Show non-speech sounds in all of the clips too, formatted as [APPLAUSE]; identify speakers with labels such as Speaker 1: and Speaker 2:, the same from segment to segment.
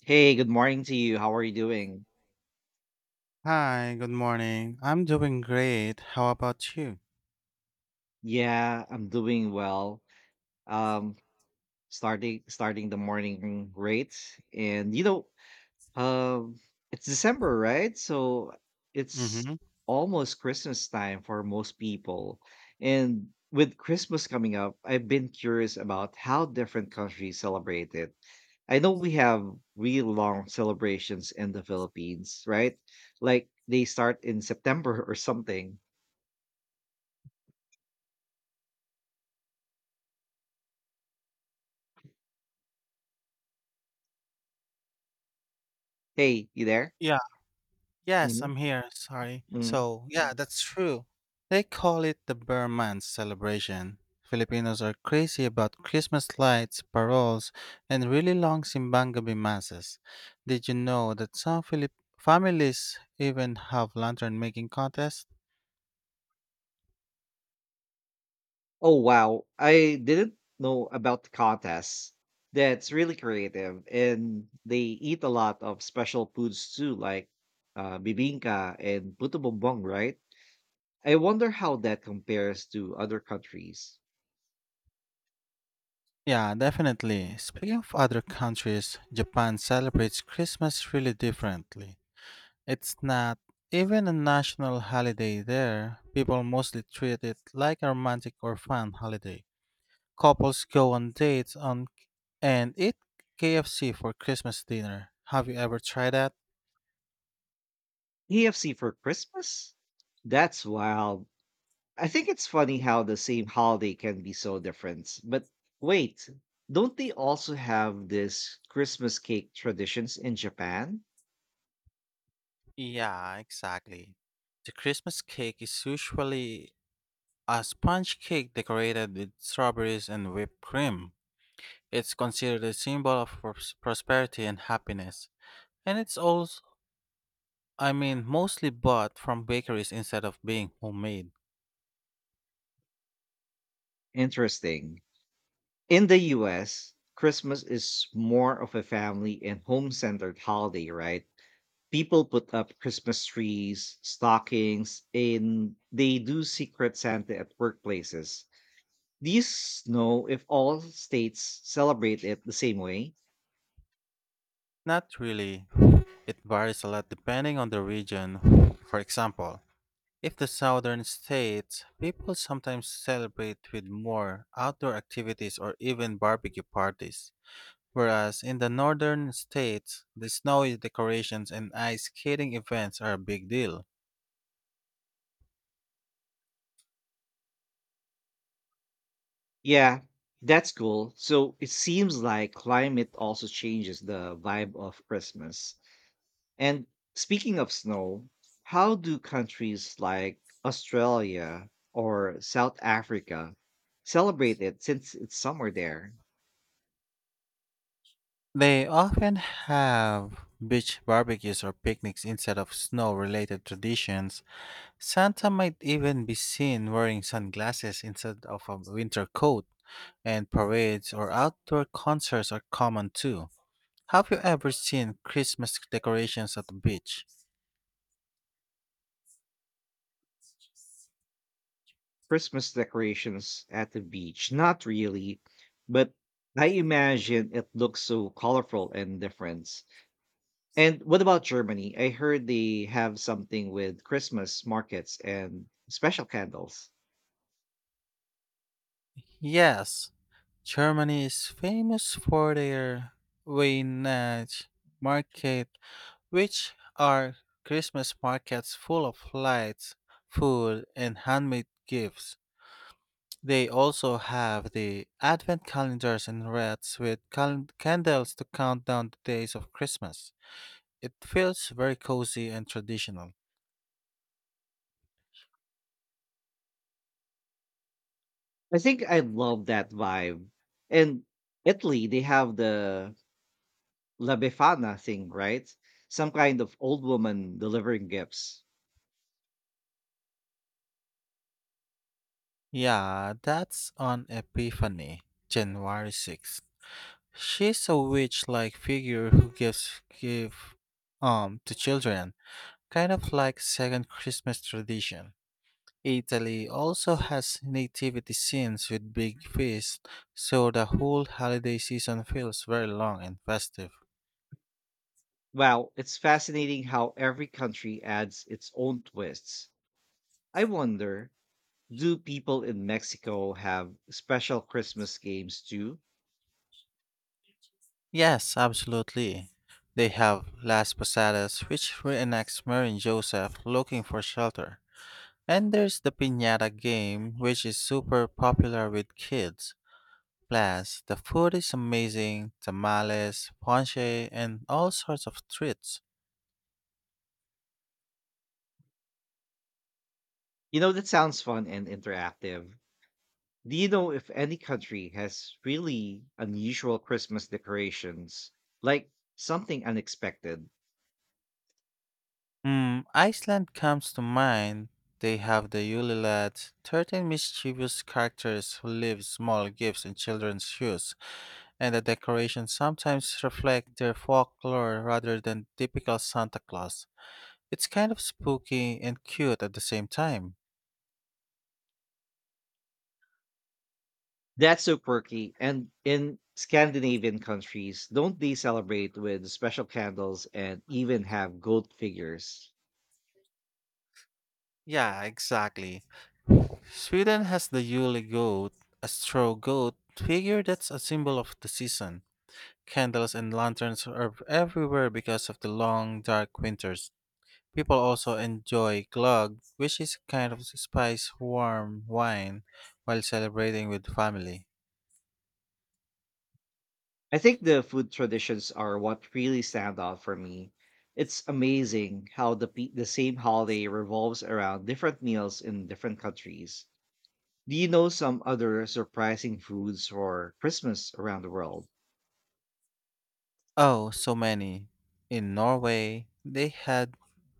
Speaker 1: Hey, good morning to you. How are you doing?
Speaker 2: Hi, good morning. I'm doing great. How about you?
Speaker 1: Yeah, I'm doing well. Um, starting the morning great, and you know, um, it's December, right? So it's
Speaker 2: Mm-hmm.
Speaker 1: almost Christmas time for most people, and with Christmas coming up, I've been curious about how different countries celebrate it. I know we have really long celebrations in the Philippines, right? Like they start in September or something. Hey, you there?
Speaker 2: Yeah, yes,
Speaker 1: Mhm,
Speaker 2: I'm here. Sorry.
Speaker 1: mhm.
Speaker 2: So, yeah, that's true. They call it the Burr Month celebration. Filipinos are crazy about Christmas lights, paroles, and really long simbang gabi masses. Did you know that some Filip families even have lantern making contests?
Speaker 1: Oh, wow. I didn't know about the contests. That's really creative. And they eat a lot of special foods too, like bibinka and puto bumbong, right? I wonder how that compares to other countries.
Speaker 2: Yeah, definitely. Speaking of other countries, Japan celebrates Christmas really differently. It's not even a national holiday there. People mostly treat it like a romantic or fun holiday. Couples go on dates on and eat KFC for Christmas dinner. Have you ever tried that?
Speaker 1: KFC for Christmas? That's wild. I think it's funny how the same holiday can be so different. But wait, don't they also have this Christmas cake traditions in Japan?
Speaker 2: Yeah, exactly. The Christmas cake is usually a sponge cake decorated with strawberries and whipped cream. It's considered a symbol of prosperity and happiness. And it's also, I mean, mostly bought from bakeries instead of being homemade.
Speaker 1: Interesting. In the US, Christmas is more of a family and home centered holiday, right? People put up Christmas trees, stockings, and they do secret Santa at workplaces. Do you know if all states celebrate it the same way?
Speaker 2: Not really. It varies a lot depending on the region. For example, if the southern states, people sometimes celebrate with more outdoor activities or even barbecue parties. Whereas in the northern states, the snowy decorations and ice skating events are a big deal.
Speaker 1: Yeah, that's cool. So it seems like climate also changes the vibe of Christmas. And speaking of snow, how do countries like Australia or South Africa celebrate it since it's summer there?
Speaker 2: They often have beach barbecues or picnics instead of snow related traditions. Santa might even be seen wearing sunglasses instead of a winter coat, and parades or outdoor concerts are common too. Have you ever seen Christmas decorations at the beach?
Speaker 1: Christmas decorations at the beach. Not really, but I imagine it looks so colorful and different. And what about Germany? I heard they have something with Christmas markets and special candles.
Speaker 2: Yes, Germany is famous for their Weihnacht market, which are Christmas markets full of lights, food, and handmade gifts. They also have the advent calendars and wreaths with candles to count down the days of Christmas. It feels very cozy and traditional.
Speaker 1: I think I love that vibe. And Italy, they have the La Befana thing, right? Some kind of old woman delivering gifts.
Speaker 2: Yeah, that's on Epiphany, January 6th. She's a witch-like figure who gives gift to children, kind of like second Christmas tradition. Italy also has nativity scenes with big feasts, so the whole holiday season feels very long and festive.
Speaker 1: Wow, it's fascinating how every country adds its own twists. I wonder, do people in Mexico have special Christmas games too?
Speaker 2: Yes, absolutely. They have Las Posadas, which reenacts Mary and Joseph looking for shelter. And there's the piñata game, which is super popular with kids. Plus, the food is amazing tamales, ponche, and all sorts of treats.
Speaker 1: You know, that sounds fun and interactive. Do you know if any country has really unusual Christmas decorations? Like something unexpected?
Speaker 2: Hmm, Iceland comes to mind. They have the Yule Lad, 13 mischievous characters who leave small gifts in children's shoes, and the decorations sometimes reflect their folklore rather than typical Santa Claus. It's kind of spooky and cute at the same time.
Speaker 1: That's so quirky. And in Scandinavian countries, don't they celebrate with special candles and even have goat figures?
Speaker 2: Yeah, exactly. Sweden has the Yule goat, a straw goat figure that's a symbol of the season. Candles and lanterns are everywhere because of the long, dark winters. People also enjoy glögg, which is a kind of spiced warm wine, while celebrating with family.
Speaker 1: I think the food traditions are what really stand out for me. It's amazing how the same holiday revolves around different meals in different countries. Do you know some other surprising foods for Christmas around the world?
Speaker 2: Oh, so many. In Norway, they had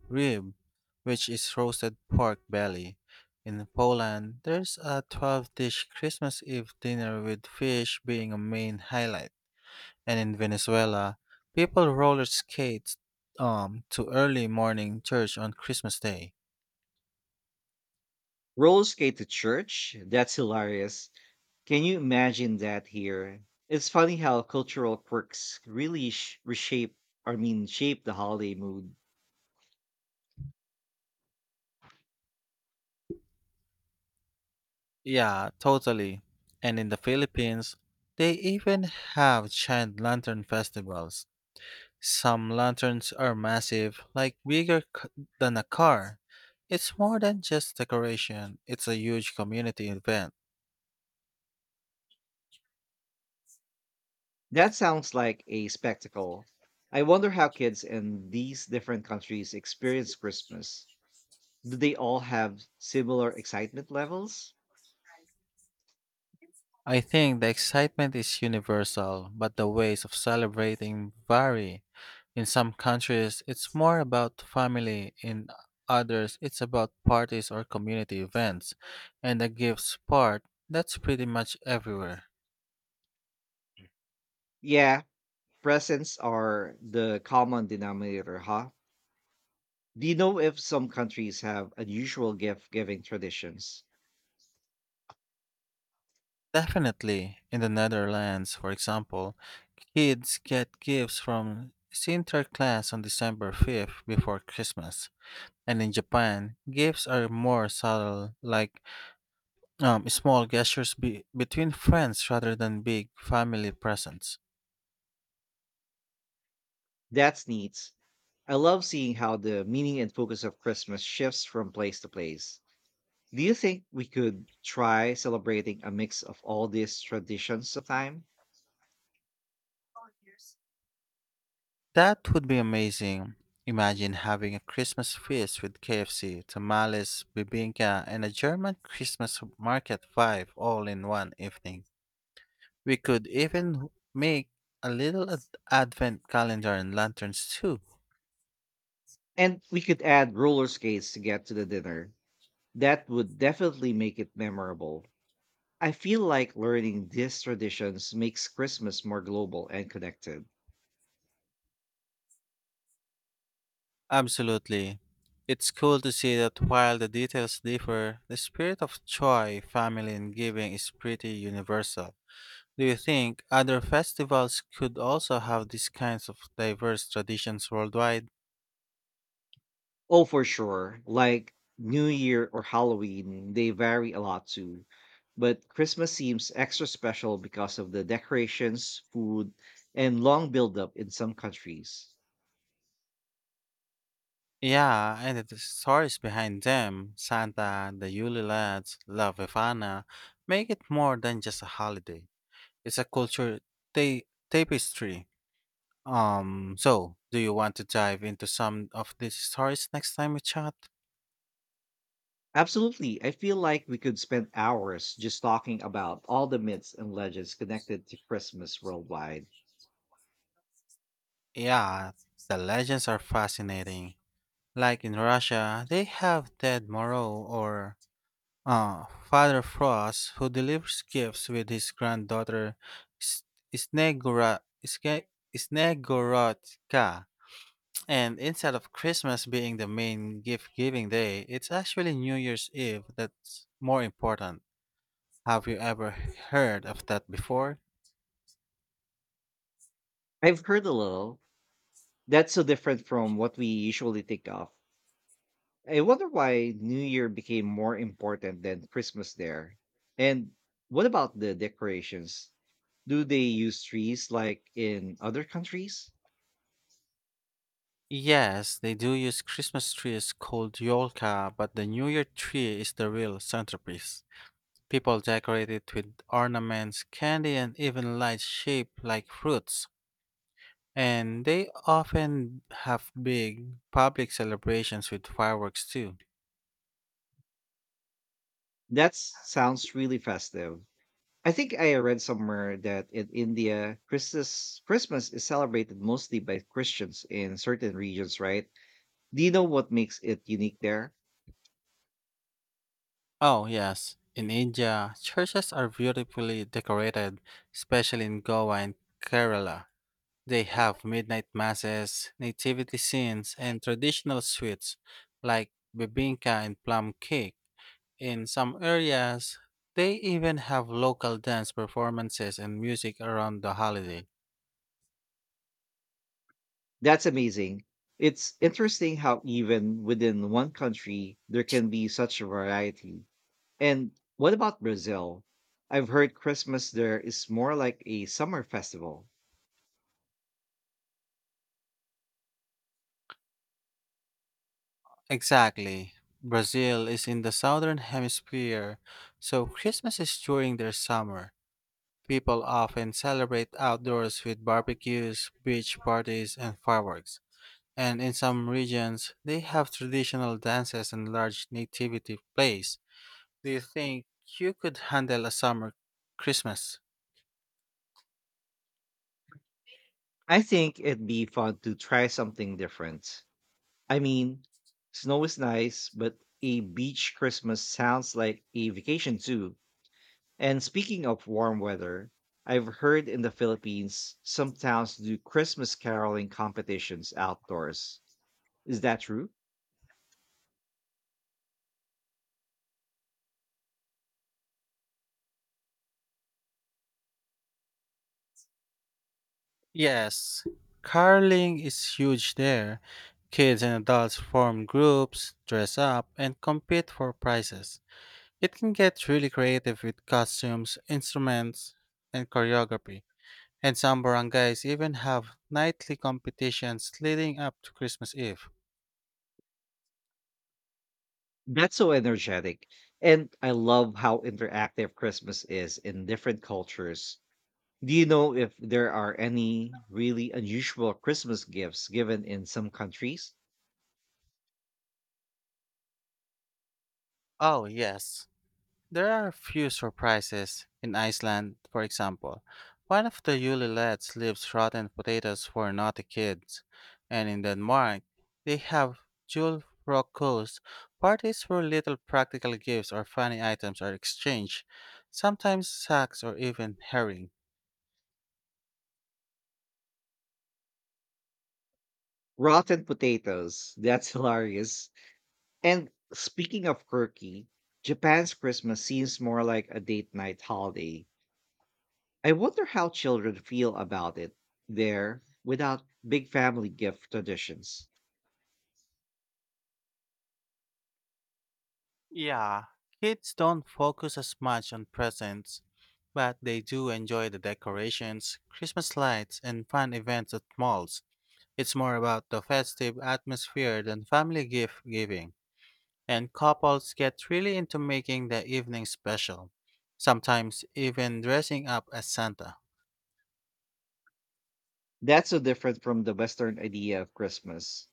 Speaker 2: rib, which is roasted pork belly. In Poland, there's a 12 dish Christmas Eve dinner with fish being a main highlight. And in Venezuela, people roller skate to early morning church on Christmas Day.
Speaker 1: Rolls skate to church? That's hilarious. Can you imagine that here? It's funny how cultural quirks really reshape, or mean, shape the holiday mood.
Speaker 2: Yeah, totally. And in the Philippines, they even have giant lantern festivals. Some lanterns are massive, like bigger than a car. It's more than just decoration, it's a huge community event.
Speaker 1: That sounds like a spectacle. I wonder how kids in these different countries experience Christmas. Do they all have similar excitement levels?
Speaker 2: I think the excitement is universal, but the ways of celebrating vary. In some countries, it's more about family, in others, it's about parties or community events. And the gifts part, that's pretty much everywhere.
Speaker 1: Yeah, presents are the common denominator, huh? Do you know if some countries have unusual gift giving traditions?
Speaker 2: Definitely, in the Netherlands, for example, kids get gifts from Sinterklaas on December 5th before Christmas. And in Japan, gifts are more subtle, like small gestures between friends rather than big family presents.
Speaker 1: That's neat. I love seeing how the meaning and focus of Christmas shifts from place to place. Do you think we could try celebrating a mix of all these traditions sometime?
Speaker 2: That would be amazing. Imagine having a Christmas feast with KFC, tamales, bibinka, and a German Christmas market vibe all in one evening. We could even make a little advent calendar and lanterns too.
Speaker 1: And we could add roller skates to get to the dinner. That would definitely make it memorable. I feel like learning these traditions makes Christmas more global and connected.
Speaker 2: Absolutely. It's cool to see that while the details differ, the spirit of joy, family, and giving is pretty universal. Do you think other festivals could also have these kinds of diverse traditions worldwide?
Speaker 1: Oh, for sure. Like New Year or Halloween, they vary a lot too. But Christmas seems extra special because of the decorations, food, and long buildup in some countries.
Speaker 2: Yeah, and the stories behind them, Santa, the Yule Lads, La Befana, make it more than just a holiday. It's a culture tapestry. So, do you want to dive into some of these stories next time we chat?
Speaker 1: Absolutely. I feel like we could spend hours just talking about all the myths and legends connected to Christmas worldwide.
Speaker 2: Yeah, the legends are fascinating. Like in Russia, they have Ted Moreau, or Father Frost, who delivers gifts with his granddaughter S- Snegora, Ske- Snegorodka. And instead of Christmas being the main gift giving day, it's actually New Year's Eve that's more important. Have you ever heard of that before?
Speaker 1: I've heard a little. That's so different from what we usually think of. I wonder why New Year became more important than Christmas there. And what about the decorations? Do they use trees like in other countries?
Speaker 2: Yes, they do use Christmas trees called Yolka, but the New Year tree is the real centerpiece. People decorate it with ornaments, candy, and even lights shaped like fruits. And they often have big public celebrations with fireworks too.
Speaker 1: That sounds really festive. I think I read somewhere that in India, Christmas is celebrated mostly by Christians in certain regions, right? Do you know what makes it unique there?
Speaker 2: Oh, yes. In India, churches are beautifully decorated, especially in Goa and Kerala. They have midnight masses, nativity scenes, and traditional sweets like bibinka and plum cake. In some areas, they even have local dance performances and music around the holiday.
Speaker 1: That's amazing. It's interesting how even within one country there can be such a variety. And what about Brazil? I've heard Christmas there is more like a summer festival.
Speaker 2: Exactly. Brazil is in the southern hemisphere, so Christmas is during their summer. People often celebrate outdoors with barbecues, beach parties, and fireworks. And in some regions, they have traditional dances and large nativity plays. Do you think you could handle a summer Christmas?
Speaker 1: I think it'd be fun to try something different. I mean, snow is nice, but a beach Christmas sounds like a vacation too. And speaking of warm weather, I've heard in the Philippines some towns do Christmas caroling competitions outdoors. Is that true?
Speaker 2: Yes. Caroling is huge there. Kids and adults form groups, dress up, and compete for prizes. It can get really creative with costumes, instruments, and choreography. And some barangays even have nightly competitions leading up to Christmas Eve.
Speaker 1: That's so energetic. And I love how interactive Christmas is in different cultures. Do you know if there are any really unusual Christmas gifts given in some countries?
Speaker 2: Oh, yes. There are a few surprises. In Iceland, for example, one of the Yule lads leaves rotten potatoes for naughty kids. And in Denmark, they have Jule Rokos, parties where little practical gifts or funny items are exchanged, sometimes sacks or even herring.
Speaker 1: Rotten potatoes. [LAUGHS] That's hilarious. And speaking of quirky, Japan's Christmas seems more like a date night holiday. I wonder how children feel about it there without big family gift traditions.
Speaker 2: Yeah, kids don't focus as much on presents, but they do enjoy the decorations, Christmas lights, and fun events at malls. It's more about the festive atmosphere than family gift giving, and couples get really into making the evening special, sometimes even dressing up as Santa.
Speaker 1: That's so different from the Western idea of Christmas.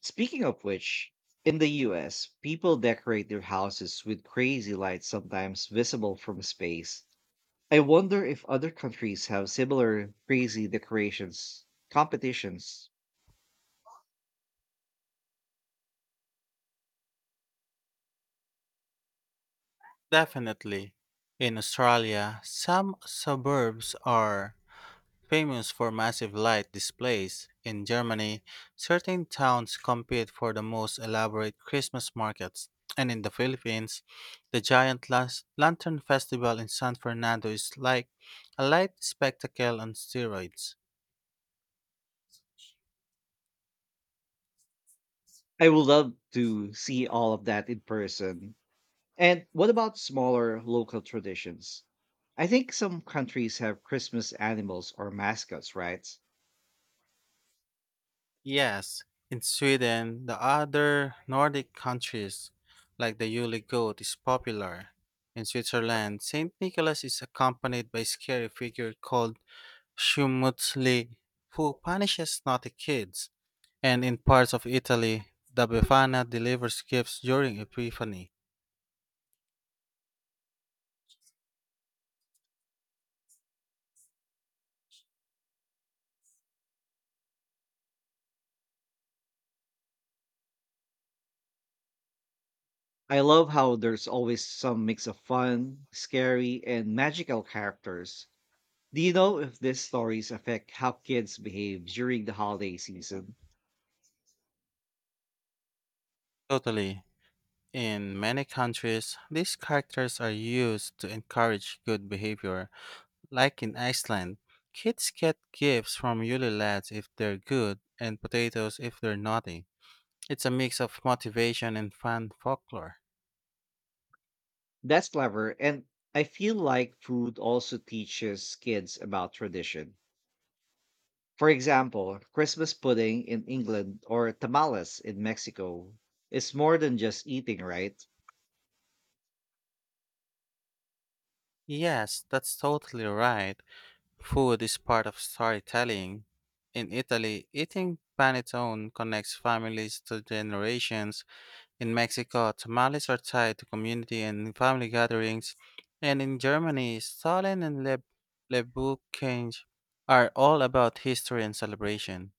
Speaker 1: Speaking of which, in the US, people decorate their houses with crazy lights sometimes visible from space. I wonder if other countries have similar crazy decorations competitions.
Speaker 2: Definitely. In Australia, some suburbs are famous for massive light displays. In Germany, certain towns compete for the most elaborate Christmas markets. And in the Philippines, the giant lantern festival in San Fernando is like a light spectacle on steroids.
Speaker 1: I would love to see all of that in person. And what about smaller local traditions? I think some countries have Christmas animals or mascots, right?
Speaker 2: Yes, in Sweden, the other Nordic countries, like the Yule goat, is popular. In Switzerland, St. Nicholas is accompanied by a scary figure called Schmutzli, who punishes naughty kids, and in parts of Italy, the Befana delivers gifts during Epiphany.
Speaker 1: I love how there's always some mix of fun, scary, and magical characters. Do you know if these stories affect how kids behave during the holiday season?
Speaker 2: Totally. In many countries, these characters are used to encourage good behavior. Like in Iceland, kids get gifts from Yule lads if they're good and potatoes if they're naughty. It's a mix of motivation and fan folklore.
Speaker 1: That's clever. And I feel like food also teaches kids about tradition. For example, Christmas pudding in England or tamales in Mexico is more than just eating, right?
Speaker 2: Yes, that's totally right. Food is part of storytelling. In Italy, eating panettone connects families to generations. In Mexico, tamales are tied to community and family gatherings. And in Germany, Stollen and Le Leibkuchen are all about history and celebration.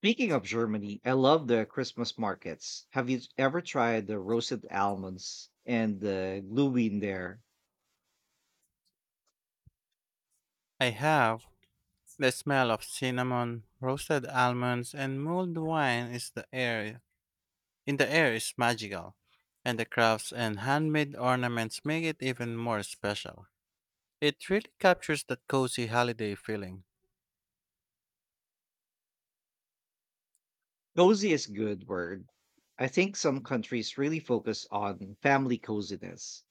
Speaker 1: Speaking of Germany, I love the Christmas markets. Have you ever tried the roasted almonds and the glühwein there?
Speaker 2: I have, the smell of cinnamon, roasted almonds, and mulled wine is the air. In the air is magical, and the crafts and handmade ornaments make it even more special. It really captures that cozy holiday feeling.
Speaker 1: Cozy is good word. I think some countries really focus on family coziness,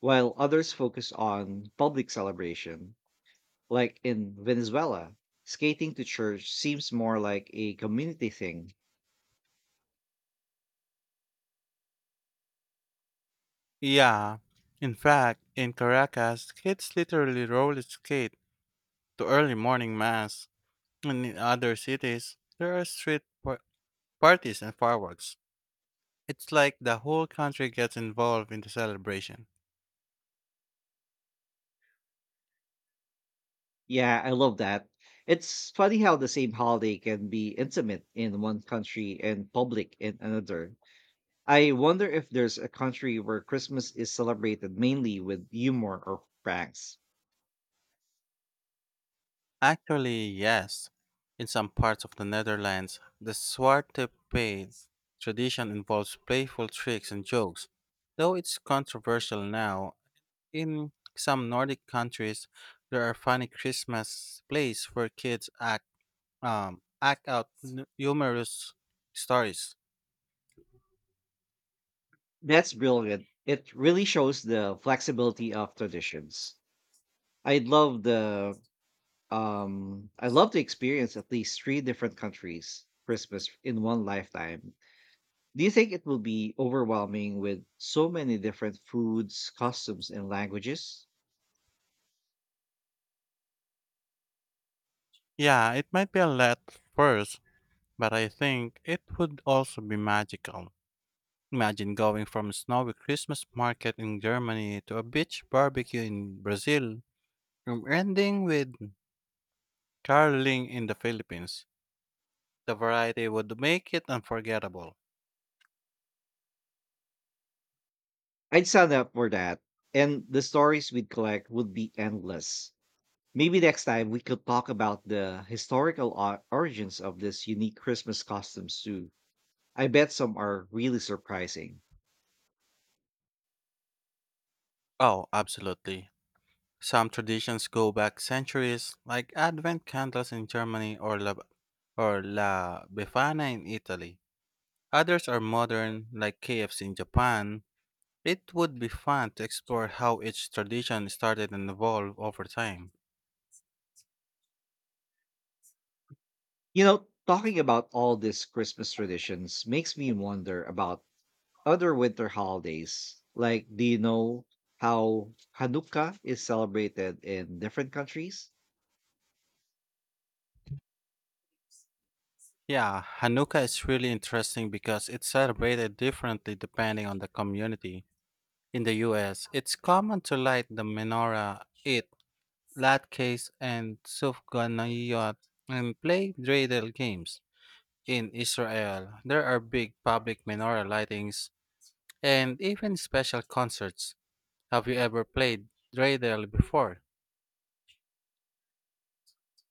Speaker 1: while others focus on public celebration. Like in Venezuela, skating to church seems more like a community thing.
Speaker 2: Yeah. In fact, in Caracas, kids literally roller skate to early morning mass, and in other cities, there are street parties and fireworks. It's like the whole country gets involved in the celebration.
Speaker 1: Yeah, I love that. It's funny how the same holiday can be intimate in one country and public in another. I wonder if there's a country where Christmas is celebrated mainly with humor or pranks.
Speaker 2: Actually, yes. In some parts of the Netherlands, the Zwarte Piet tradition involves playful tricks and jokes, though it's controversial now. In some Nordic countries, there are funny Christmas plays where kids act out humorous stories.
Speaker 1: That's brilliant. It really shows the flexibility of traditions. I'd love the I love to experience at least three different countries Christmas in one lifetime. Do you think it will be overwhelming with so many different foods, customs, and languages?
Speaker 2: Yeah, it might be a lot first, but I think it would also be magical. Imagine going from a snowy Christmas market in Germany to a beach barbecue in Brazil, and ending with caroling in the Philippines. The variety would make it unforgettable.
Speaker 1: I'd sign up for that. And the stories we'd collect would be endless. Maybe next time we could talk about the historical origins of this unique Christmas costumes too. I bet some are really surprising.
Speaker 2: Oh, absolutely. Some traditions go back centuries, like Advent candles in Germany, or La Befana in Italy. Others are modern, like KFC in Japan. It would be fun to explore how each tradition started and evolved over time.
Speaker 1: You know, talking about all these Christmas traditions makes me wonder about other winter holidays. Like, do you know how Hanukkah is celebrated in different countries?
Speaker 2: Yeah, Hanukkah is really interesting because it's celebrated differently depending on the community. In the US, it's common to light the menorah, eat latkes and sufganiyot, and play dreidel games. In Israel, there are big public menorah lightings and even special concerts. Have you ever played dreidel before?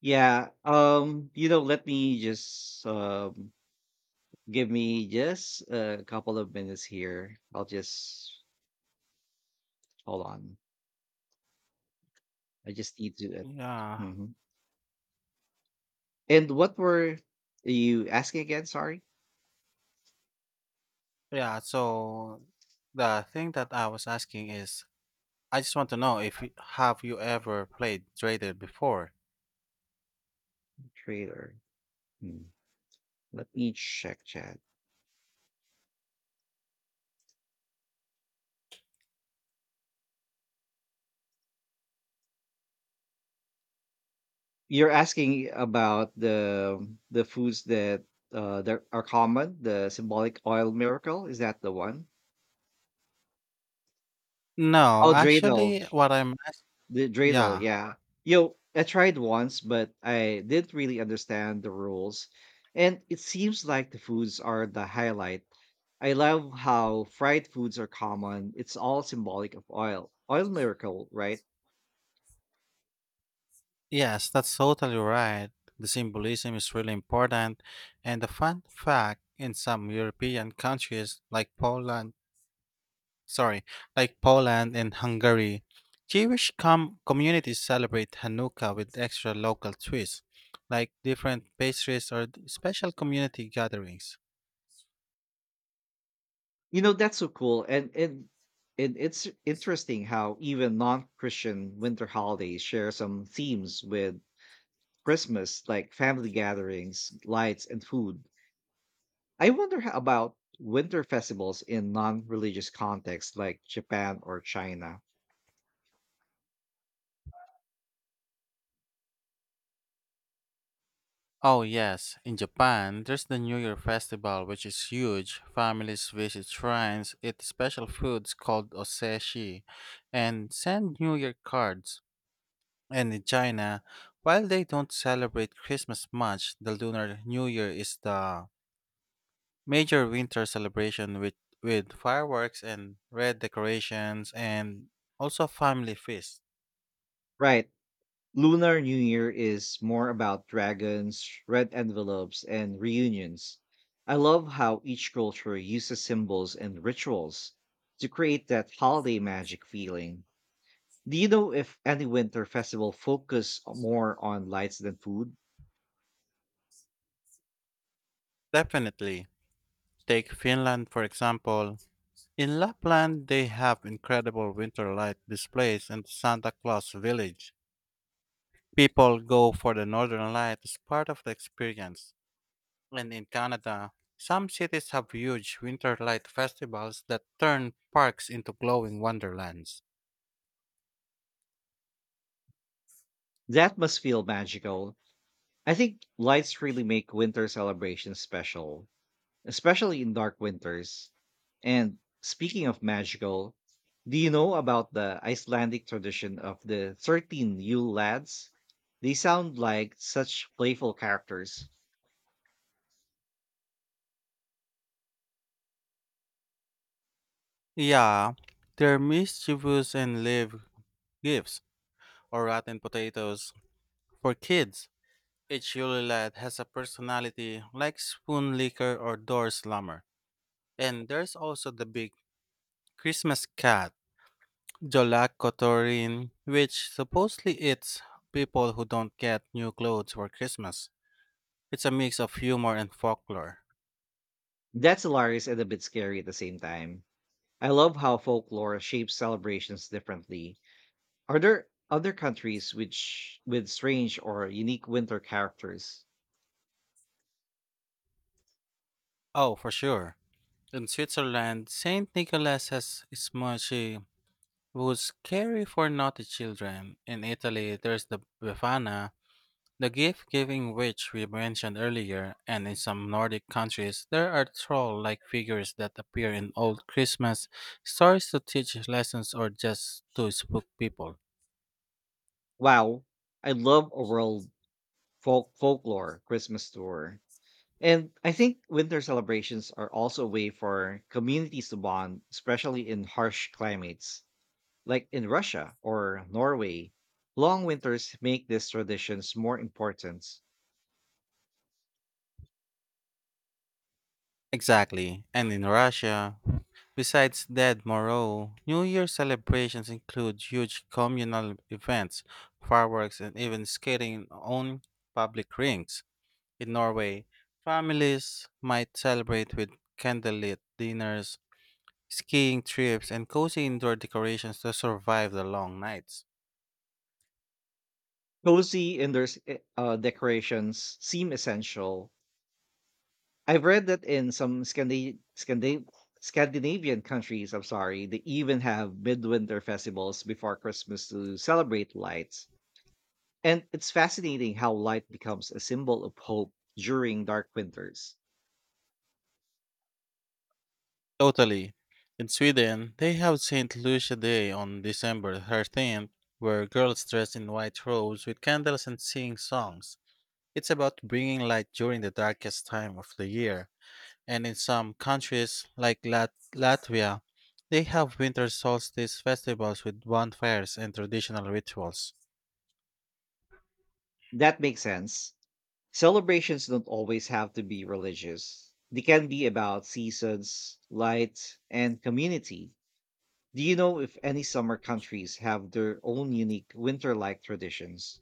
Speaker 1: Yeah, you know, let me just give me just a couple of minutes here. I'll just hold on. I just need to.
Speaker 2: Yeah,
Speaker 1: Mhm. And what were you asking again? Sorry,
Speaker 2: yeah. So the thing that I was asking is, I just want to know, if you- have you ever played dreidel before?
Speaker 1: trailer. Hmm. Let me check chat. You're asking about the foods that that are common, the symbolic oil miracle. Is that the one?
Speaker 2: No,
Speaker 1: Oh, dreidel,
Speaker 2: actually,
Speaker 1: the dreidel.
Speaker 2: yeah,
Speaker 1: Yeah, yo, I tried once, but I didn't really understand the rules, and it seems like the foods are the highlight. I love how fried foods are common. It's all symbolic of oil, oil miracle, right?
Speaker 2: yes, that's totally right. The symbolism is really important, and the fun fact in some European countries like sorry, like Poland and Hungary, Jewish communities celebrate Hanukkah with extra local twists, like different pastries or special community gatherings.
Speaker 1: You know, that's so cool. And it's interesting how even non-Christian winter holidays share some themes with Christmas, like family gatherings, lights, and food. I wonder how about winter festivals in non-religious contexts like Japan or China.
Speaker 2: Oh, yes, in Japan, there's the New Year festival, which is huge. Families visit shrines, eat special foods called oseshi, and send New Year cards. And in China, while they don't celebrate Christmas much, the Lunar New Year is the major winter celebration, with fireworks and red decorations and also family feast.
Speaker 1: Right. Lunar New Year is more about dragons, red envelopes, and reunions. I love how each culture uses symbols and rituals to create that holiday magic feeling. Do you know if any winter festival focus more on lights than food?
Speaker 2: Definitely. Take Finland for example. In Lapland, they have incredible winter light displays and Santa Claus village. People go for the northern light as part of the experience. And in Canada, some cities have huge winter light festivals that turn parks into glowing wonderlands.
Speaker 1: That must feel magical. I think lights really make winter celebrations special, especially in dark winters. And speaking of magical, do you know about the Icelandic tradition of the 13 Yule lads? They sound like such playful characters.
Speaker 2: Yeah, they're mischievous and live gifts, or rotten potatoes. For kids, each Yule lad has a personality like Spoon Licker or Door Slammer. And there's also the big Christmas cat, Jolak Kotorin, which supposedly eats people who don't get new clothes for Christmas. It's a mix of humor and folklore.
Speaker 1: That's hilarious and a bit scary at the same time. I love how folklore shapes celebrations differently. Are there other countries which with strange or unique winter characters?
Speaker 2: Oh, for sure. In Switzerland, Saint Nicholas has Smochi, who's scary for naughty children. In Italy, there's the Befana, the gift giving, which we mentioned earlier, and in some Nordic countries, there are troll like figures that appear in old Christmas stories to teach lessons or just to spook people.
Speaker 1: Wow, I love a world folklore Christmas tour. And I think winter celebrations are also a way for communities to bond, especially in harsh climates. Like in Russia or Norway, long winters make these traditions more important.
Speaker 2: Exactly. And in Russia, besides Dead Moro, New Year celebrations include huge communal events, fireworks, and even skating on public rings. In Norway, families might celebrate with candlelit dinners, skiing trips, and cozy indoor decorations to survive the long nights.
Speaker 1: Cozy indoor decorations seem essential. I've read that in some Scandinavian countries, I'm sorry, they even have midwinter festivals before Christmas to celebrate lights. And it's fascinating how light becomes a symbol of hope during dark winters.
Speaker 2: Totally. In Sweden, they have St. Lucia Day on December 13th, where girls dress in white robes with candles and sing songs. It's about bringing light during the darkest time of the year. And in some countries, like Latvia, they have winter solstice festivals with bonfires and traditional rituals.
Speaker 1: That makes sense. Celebrations don't always have to be religious, they can be about seasons, light, and community. Do you know if any summer countries have their own unique winter like traditions?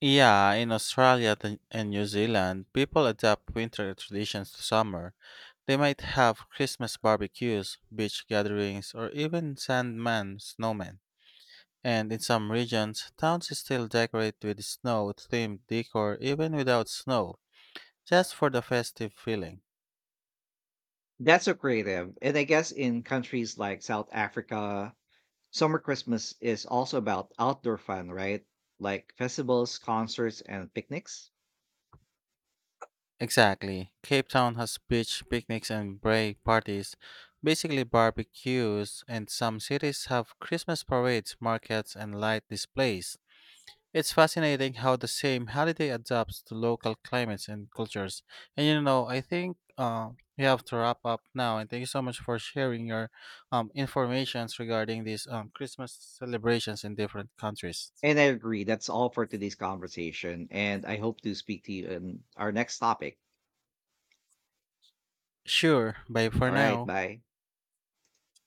Speaker 2: Yeah, in Australia and New Zealand, people adapt winter traditions to summer. They might have Christmas barbecues, beach gatherings, or even sandman snowmen. And in some regions, towns still decorate with snow-themed decor even without snow, just for the festive feeling.
Speaker 1: That's so creative. And I guess in countries like South Africa, summer Christmas is also about outdoor fun, right? Like festivals, concerts, and picnics.
Speaker 2: Exactly. Cape Town has beach picnics and break parties, basically barbecues, and some cities have Christmas parades, markets, and light displays. It's fascinating how the same holiday adapts to local climates and cultures. And I think we have to wrap up now. And thank you so much for sharing your informations regarding these Christmas celebrations in different countries.
Speaker 1: And I agree. That's all for today's conversation. And I hope to speak to you in our next topic.
Speaker 2: Sure. Bye for
Speaker 1: All right.
Speaker 2: now.
Speaker 1: Bye.